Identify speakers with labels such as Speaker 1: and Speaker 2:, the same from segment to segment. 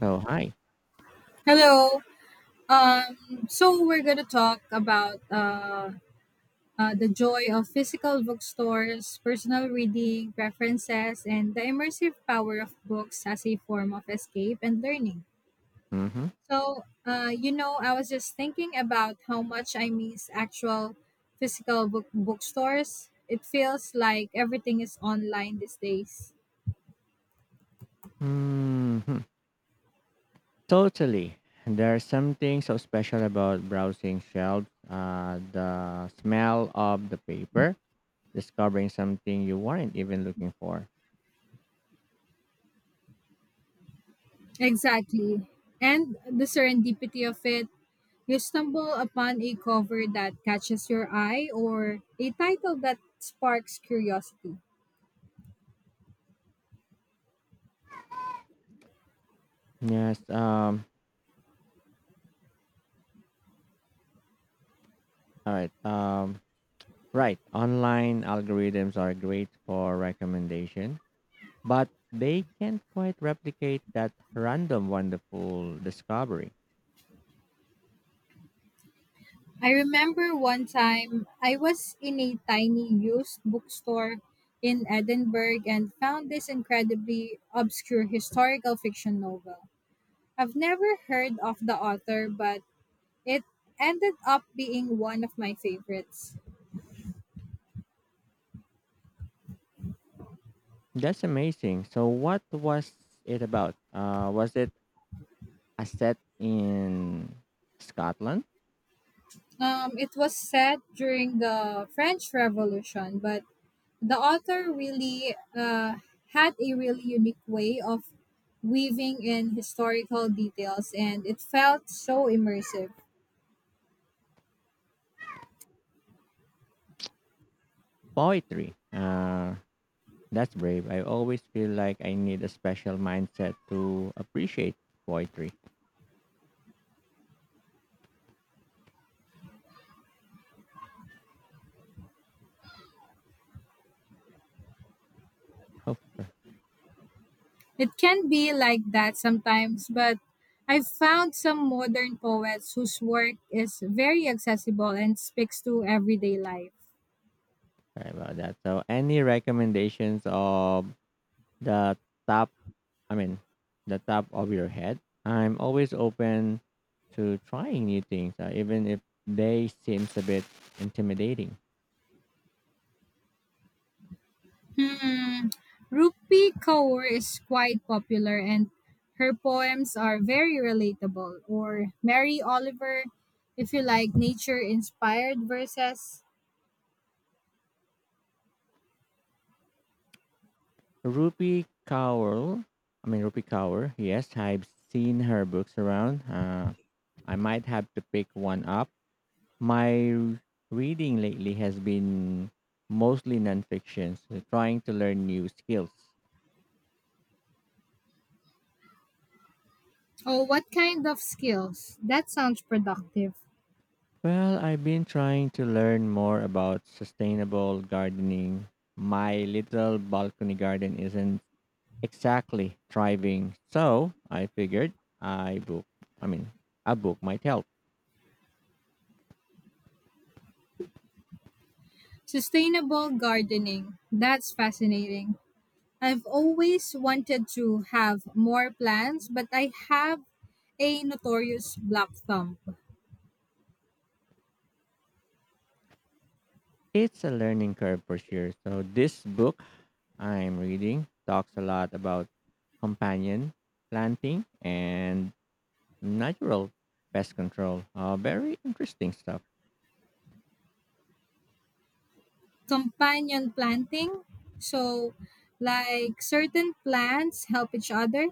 Speaker 1: So hi.
Speaker 2: Hello. So we're gonna talk about the joy of physical bookstores, personal reading, preferences, and the immersive power of books as a form of escape and learning.
Speaker 1: Mm-hmm.
Speaker 2: So, I was just thinking about how much I miss actual physical bookstores. It feels like everything is online these days.
Speaker 1: Mm-hmm. Totally. There's something so special about browsing shelves. The smell of the paper, discovering something you weren't even looking for.
Speaker 2: Exactly. And the serendipity of it, you stumble upon a cover that catches your eye or a title that sparks curiosity.
Speaker 1: Yes. All right. Right. Online algorithms are great for recommendation, but they can't quite replicate that random, wonderful discovery.
Speaker 2: I remember one time I was in a tiny used bookstore in Edinburgh and found this incredibly obscure historical fiction novel. I've never heard of the author, but it ended up being one of my favorites.
Speaker 1: That's amazing. So, what was it about? Was it a set in Scotland.
Speaker 2: It was set during the French Revolution, but the author really had a really unique way of weaving in historical details and it felt so immersive.
Speaker 1: Poetry. That's brave. I always feel like I need a special mindset to appreciate poetry. Oh,
Speaker 2: It can be like that sometimes, but I've found some modern poets whose work is very accessible and speaks to everyday life.
Speaker 1: sorry about that. So, any recommendations of the top? I mean, the top of your head. I'm always open to trying new things, even if they seems a bit intimidating.
Speaker 2: Hmm, Rupi Kaur is quite popular and her poems are very relatable. Or Mary Oliver, if you like nature inspired verses.
Speaker 1: Rupi Kaur. I mean Rupi Kaur. Yes, I've seen her books around. I might have to pick one up. My reading lately has been mostly nonfiction, so trying to learn new skills.
Speaker 2: Oh, what kind of skills? That sounds productive.
Speaker 1: Well, I've been trying to learn more about sustainable gardening. My little balcony garden isn't exactly thriving, so I figured I book. I mean, a book might help.
Speaker 2: Sustainable gardening. That's fascinating. I've always wanted to have more plants, but I have a notorious black thumb.
Speaker 1: It's a learning curve for sure. So this book I'm reading talks a lot about companion planting and natural pest control. Very interesting stuff.
Speaker 2: Companion planting. So, like certain plants help each other.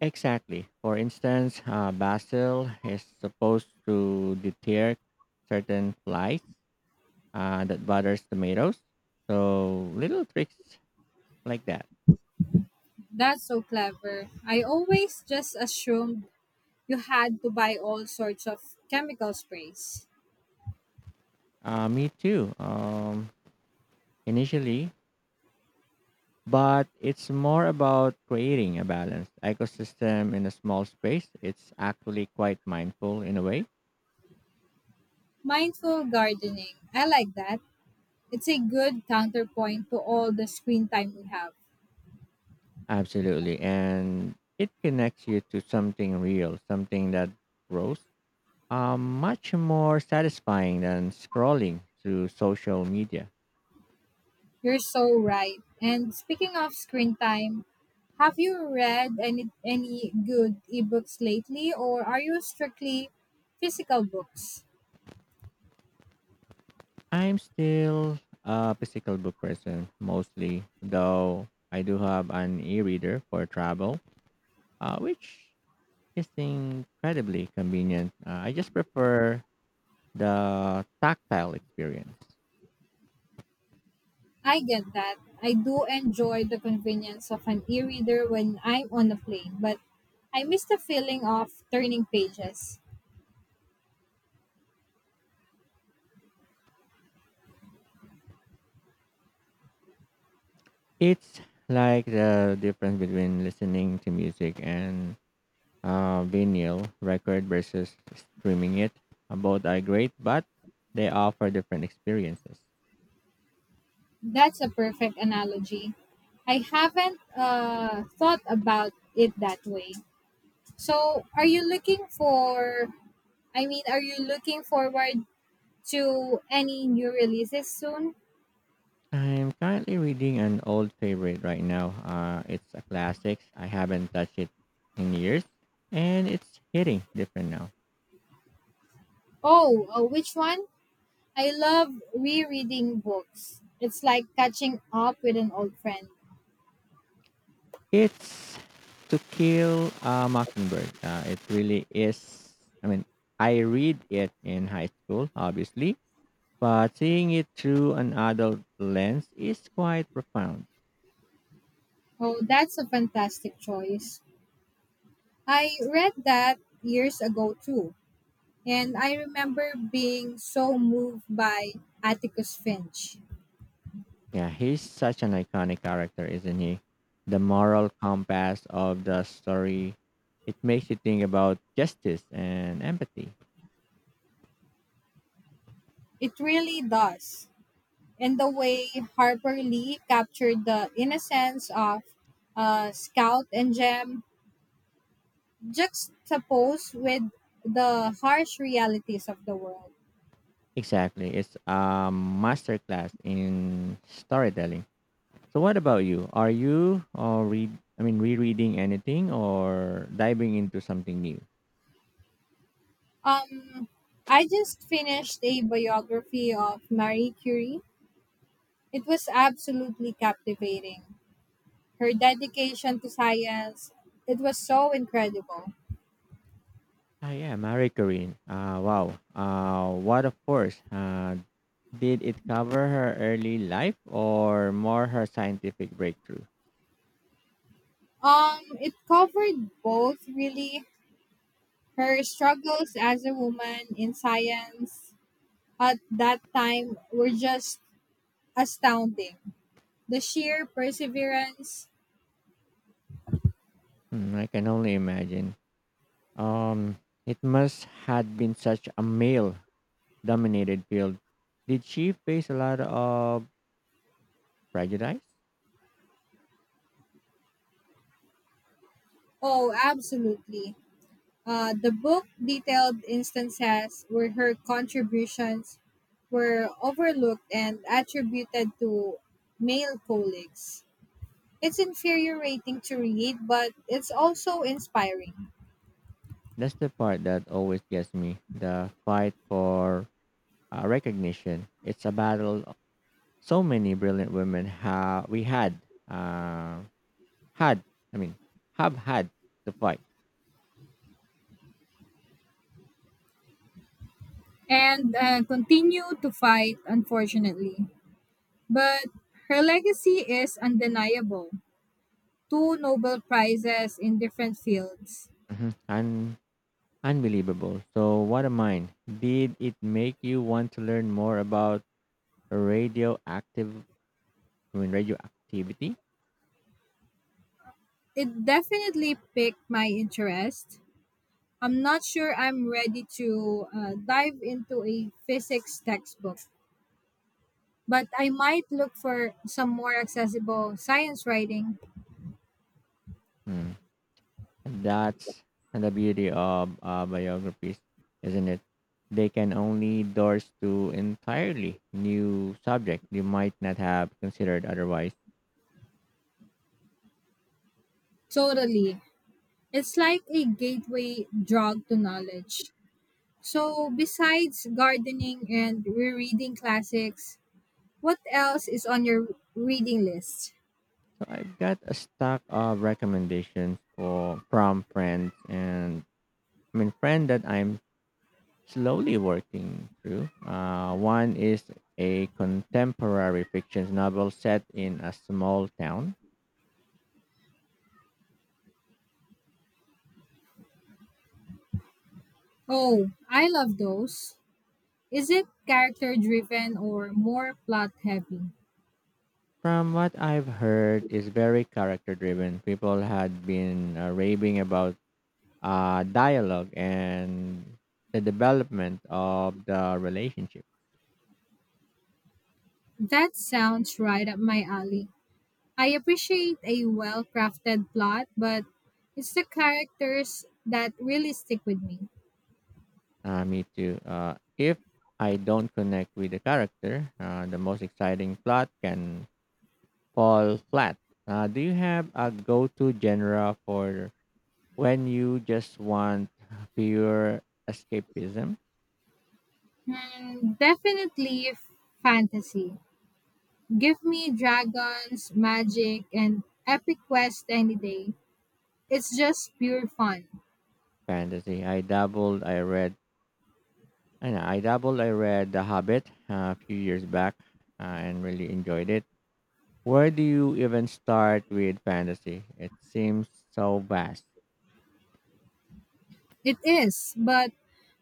Speaker 1: Exactly. For instance, basil is supposed to deter certain flies that bothers tomatoes. So little tricks like that.
Speaker 2: That's so clever. I always just assumed you had to buy all sorts of chemical sprays.
Speaker 1: Me too. Initially, but it's more about creating a balanced ecosystem in a small space. It's actually quite mindful in a way.
Speaker 2: Mindful gardening. I like that. It's a good counterpoint to all the screen time we have.
Speaker 1: Absolutely. And it connects you to something real, something that grows. Much more satisfying than scrolling through social media.
Speaker 2: You're so right. And speaking of screen time, have you read any good ebooks lately or are you strictly physical books?
Speaker 1: I'm still a physical book person mostly, though I do have an e reader for travel, which is incredibly convenient. I just prefer the tactile experience.
Speaker 2: I get that. I do enjoy the convenience of an e-reader when I'm on a plane, but I miss the feeling of turning pages.
Speaker 1: It's like the difference between listening to music and vinyl record versus streaming it. Both are great, but they offer different experiences.
Speaker 2: That's a perfect analogy. I haven't thought about it that way. So, are you looking forward to any new releases soon?
Speaker 1: I'm currently reading an old favorite right now. It's a classic. I haven't touched it in years, and it's hitting different now.
Speaker 2: Oh, which one? I love rereading books. It's like catching up with an old friend.
Speaker 1: It's To Kill a Mockingbird. It really is. I mean, I read it in high school, obviously, but seeing it through an adult lens is quite profound.
Speaker 2: Oh, that's a fantastic choice. I read that years ago too, and I remember being so moved by Atticus Finch.
Speaker 1: Yeah, he's such an iconic character, isn't he? The moral compass of the story. It makes you think about justice and empathy.
Speaker 2: It really does. In the way Harper Lee captured the innocence of Scout and Gem, juxtaposed with the harsh realities of the world.
Speaker 1: Exactly. It's a masterclass in storytelling. So what about you? Are you or read I mean rereading anything or diving into something new?
Speaker 2: Um, I just finished a biography of Marie Curie. It was absolutely captivating. Her dedication to science, it was so incredible.
Speaker 1: Ah yeah, Marie Curie. Wow. What of course. Did it cover her early life or more her scientific breakthrough?
Speaker 2: It covered both, really her struggles as a woman in science at that time were just astounding. The sheer perseverance.
Speaker 1: I can only imagine. Um, it must had been such a male-dominated field. Did she face a lot of prejudice?
Speaker 2: Oh, absolutely. The book detailed instances where her contributions were overlooked and attributed to male colleagues. It's infuriating to read, but it's also inspiring.
Speaker 1: That's the part that always gets me. The fight for recognition. It's a battle. So many brilliant women ha- we had uh, had. I mean, have had to fight.
Speaker 2: And continue to fight, unfortunately. But her legacy is undeniable. 2 Nobel Prizes in different fields.
Speaker 1: Mhm. Unbelievable. So what a mind. Did it make you want to learn more about radioactive Moon radioactivity?
Speaker 2: It definitely piqued my interest. I'm not sure I'm ready to dive into a physics textbook, but I might look for some more accessible science writing.
Speaker 1: Hmm. And that's the beauty of biographies, isn't it? They can only doors to entirely new subject you might not have considered otherwise.
Speaker 2: Totally. It's like a gateway drug to knowledge. So, besides gardening and rereading classics, what else is on your reading list?
Speaker 1: I've got a stack of recommendations for from friends and I mean friend that I'm slowly working through. One is a contemporary fiction novel set in a small town.
Speaker 2: Oh, I love those. Is it character driven or more plot heavy?
Speaker 1: From what I've heard, is very character driven. People had been raving about dialogue and the development of the relationship.
Speaker 2: That sounds right up my alley. I appreciate a well crafted plot, but it's the characters that really stick with me.
Speaker 1: Me too. If I don't connect with the character, the most exciting plot can fall flat. Do you have a go-to genre for when you just want pure escapism?
Speaker 2: Hmm, definitely fantasy. Give me dragons, magic, and epic quest any day. It's just pure fun.
Speaker 1: Fantasy. I doubled. I read. I know. I doubled. I read The Hobbit a few years back, and really enjoyed it. Where do you even start with fantasy? It seems so vast.
Speaker 2: It is, but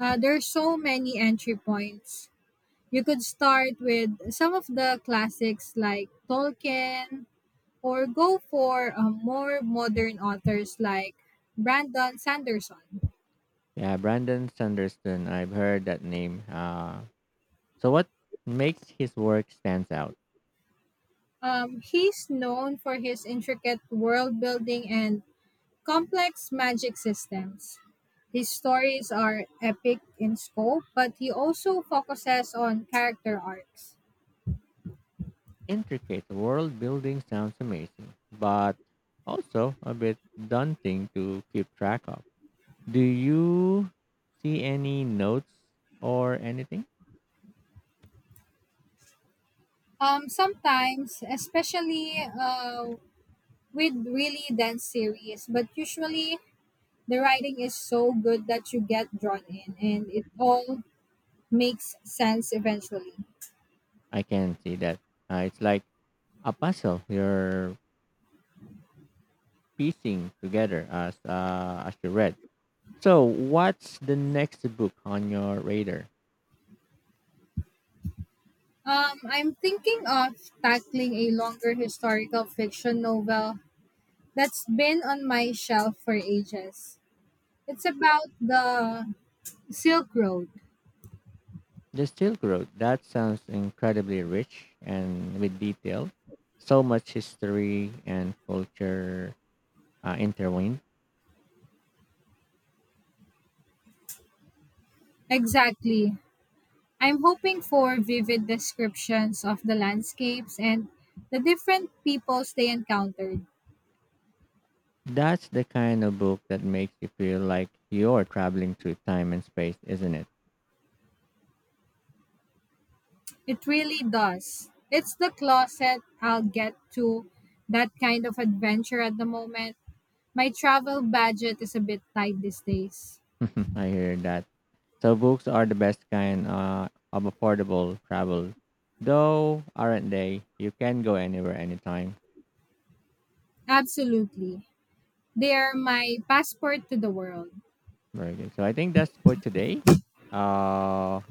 Speaker 2: there's so many entry points. You could start with some of the classics like Tolkien, or go for more modern authors like Brandon Sanderson.
Speaker 1: Yeah, Brandon Sanderson. I've heard that name. So what makes his work stands out?
Speaker 2: He's known for his intricate world building and complex magic systems. His stories are epic in scope, but he also focuses on character arcs.
Speaker 1: Intricate world building sounds amazing, but also a bit daunting to keep track of. Do you see any notes or anything?
Speaker 2: Sometimes, especially with really dense series, but usually the writing is so good that you get drawn in and it all makes sense eventually.
Speaker 1: I can see that. It's like a puzzle you're piecing together as you read. So, what's the next book on your radar?
Speaker 2: I'm thinking of tackling a longer historical fiction novel that's been on my shelf for ages. It's about the Silk Road.
Speaker 1: The Silk Road, that sounds incredibly rich and with detail. So much history and culture intertwined.
Speaker 2: Exactly. I'm hoping for vivid descriptions of the landscapes and the different peoples they encountered.
Speaker 1: That's the kind of book that makes you feel like you're traveling through time and space, isn't it?
Speaker 2: It really does. It's the closet I'll get to that kind of adventure at the moment. My travel budget is a bit tight these days.
Speaker 1: I hear that. So books are the best kind of affordable travel, though, aren't they? You can go anywhere, anytime.
Speaker 2: Absolutely. They are my passport to the world.
Speaker 1: Very good. So I think that's for today. Uh,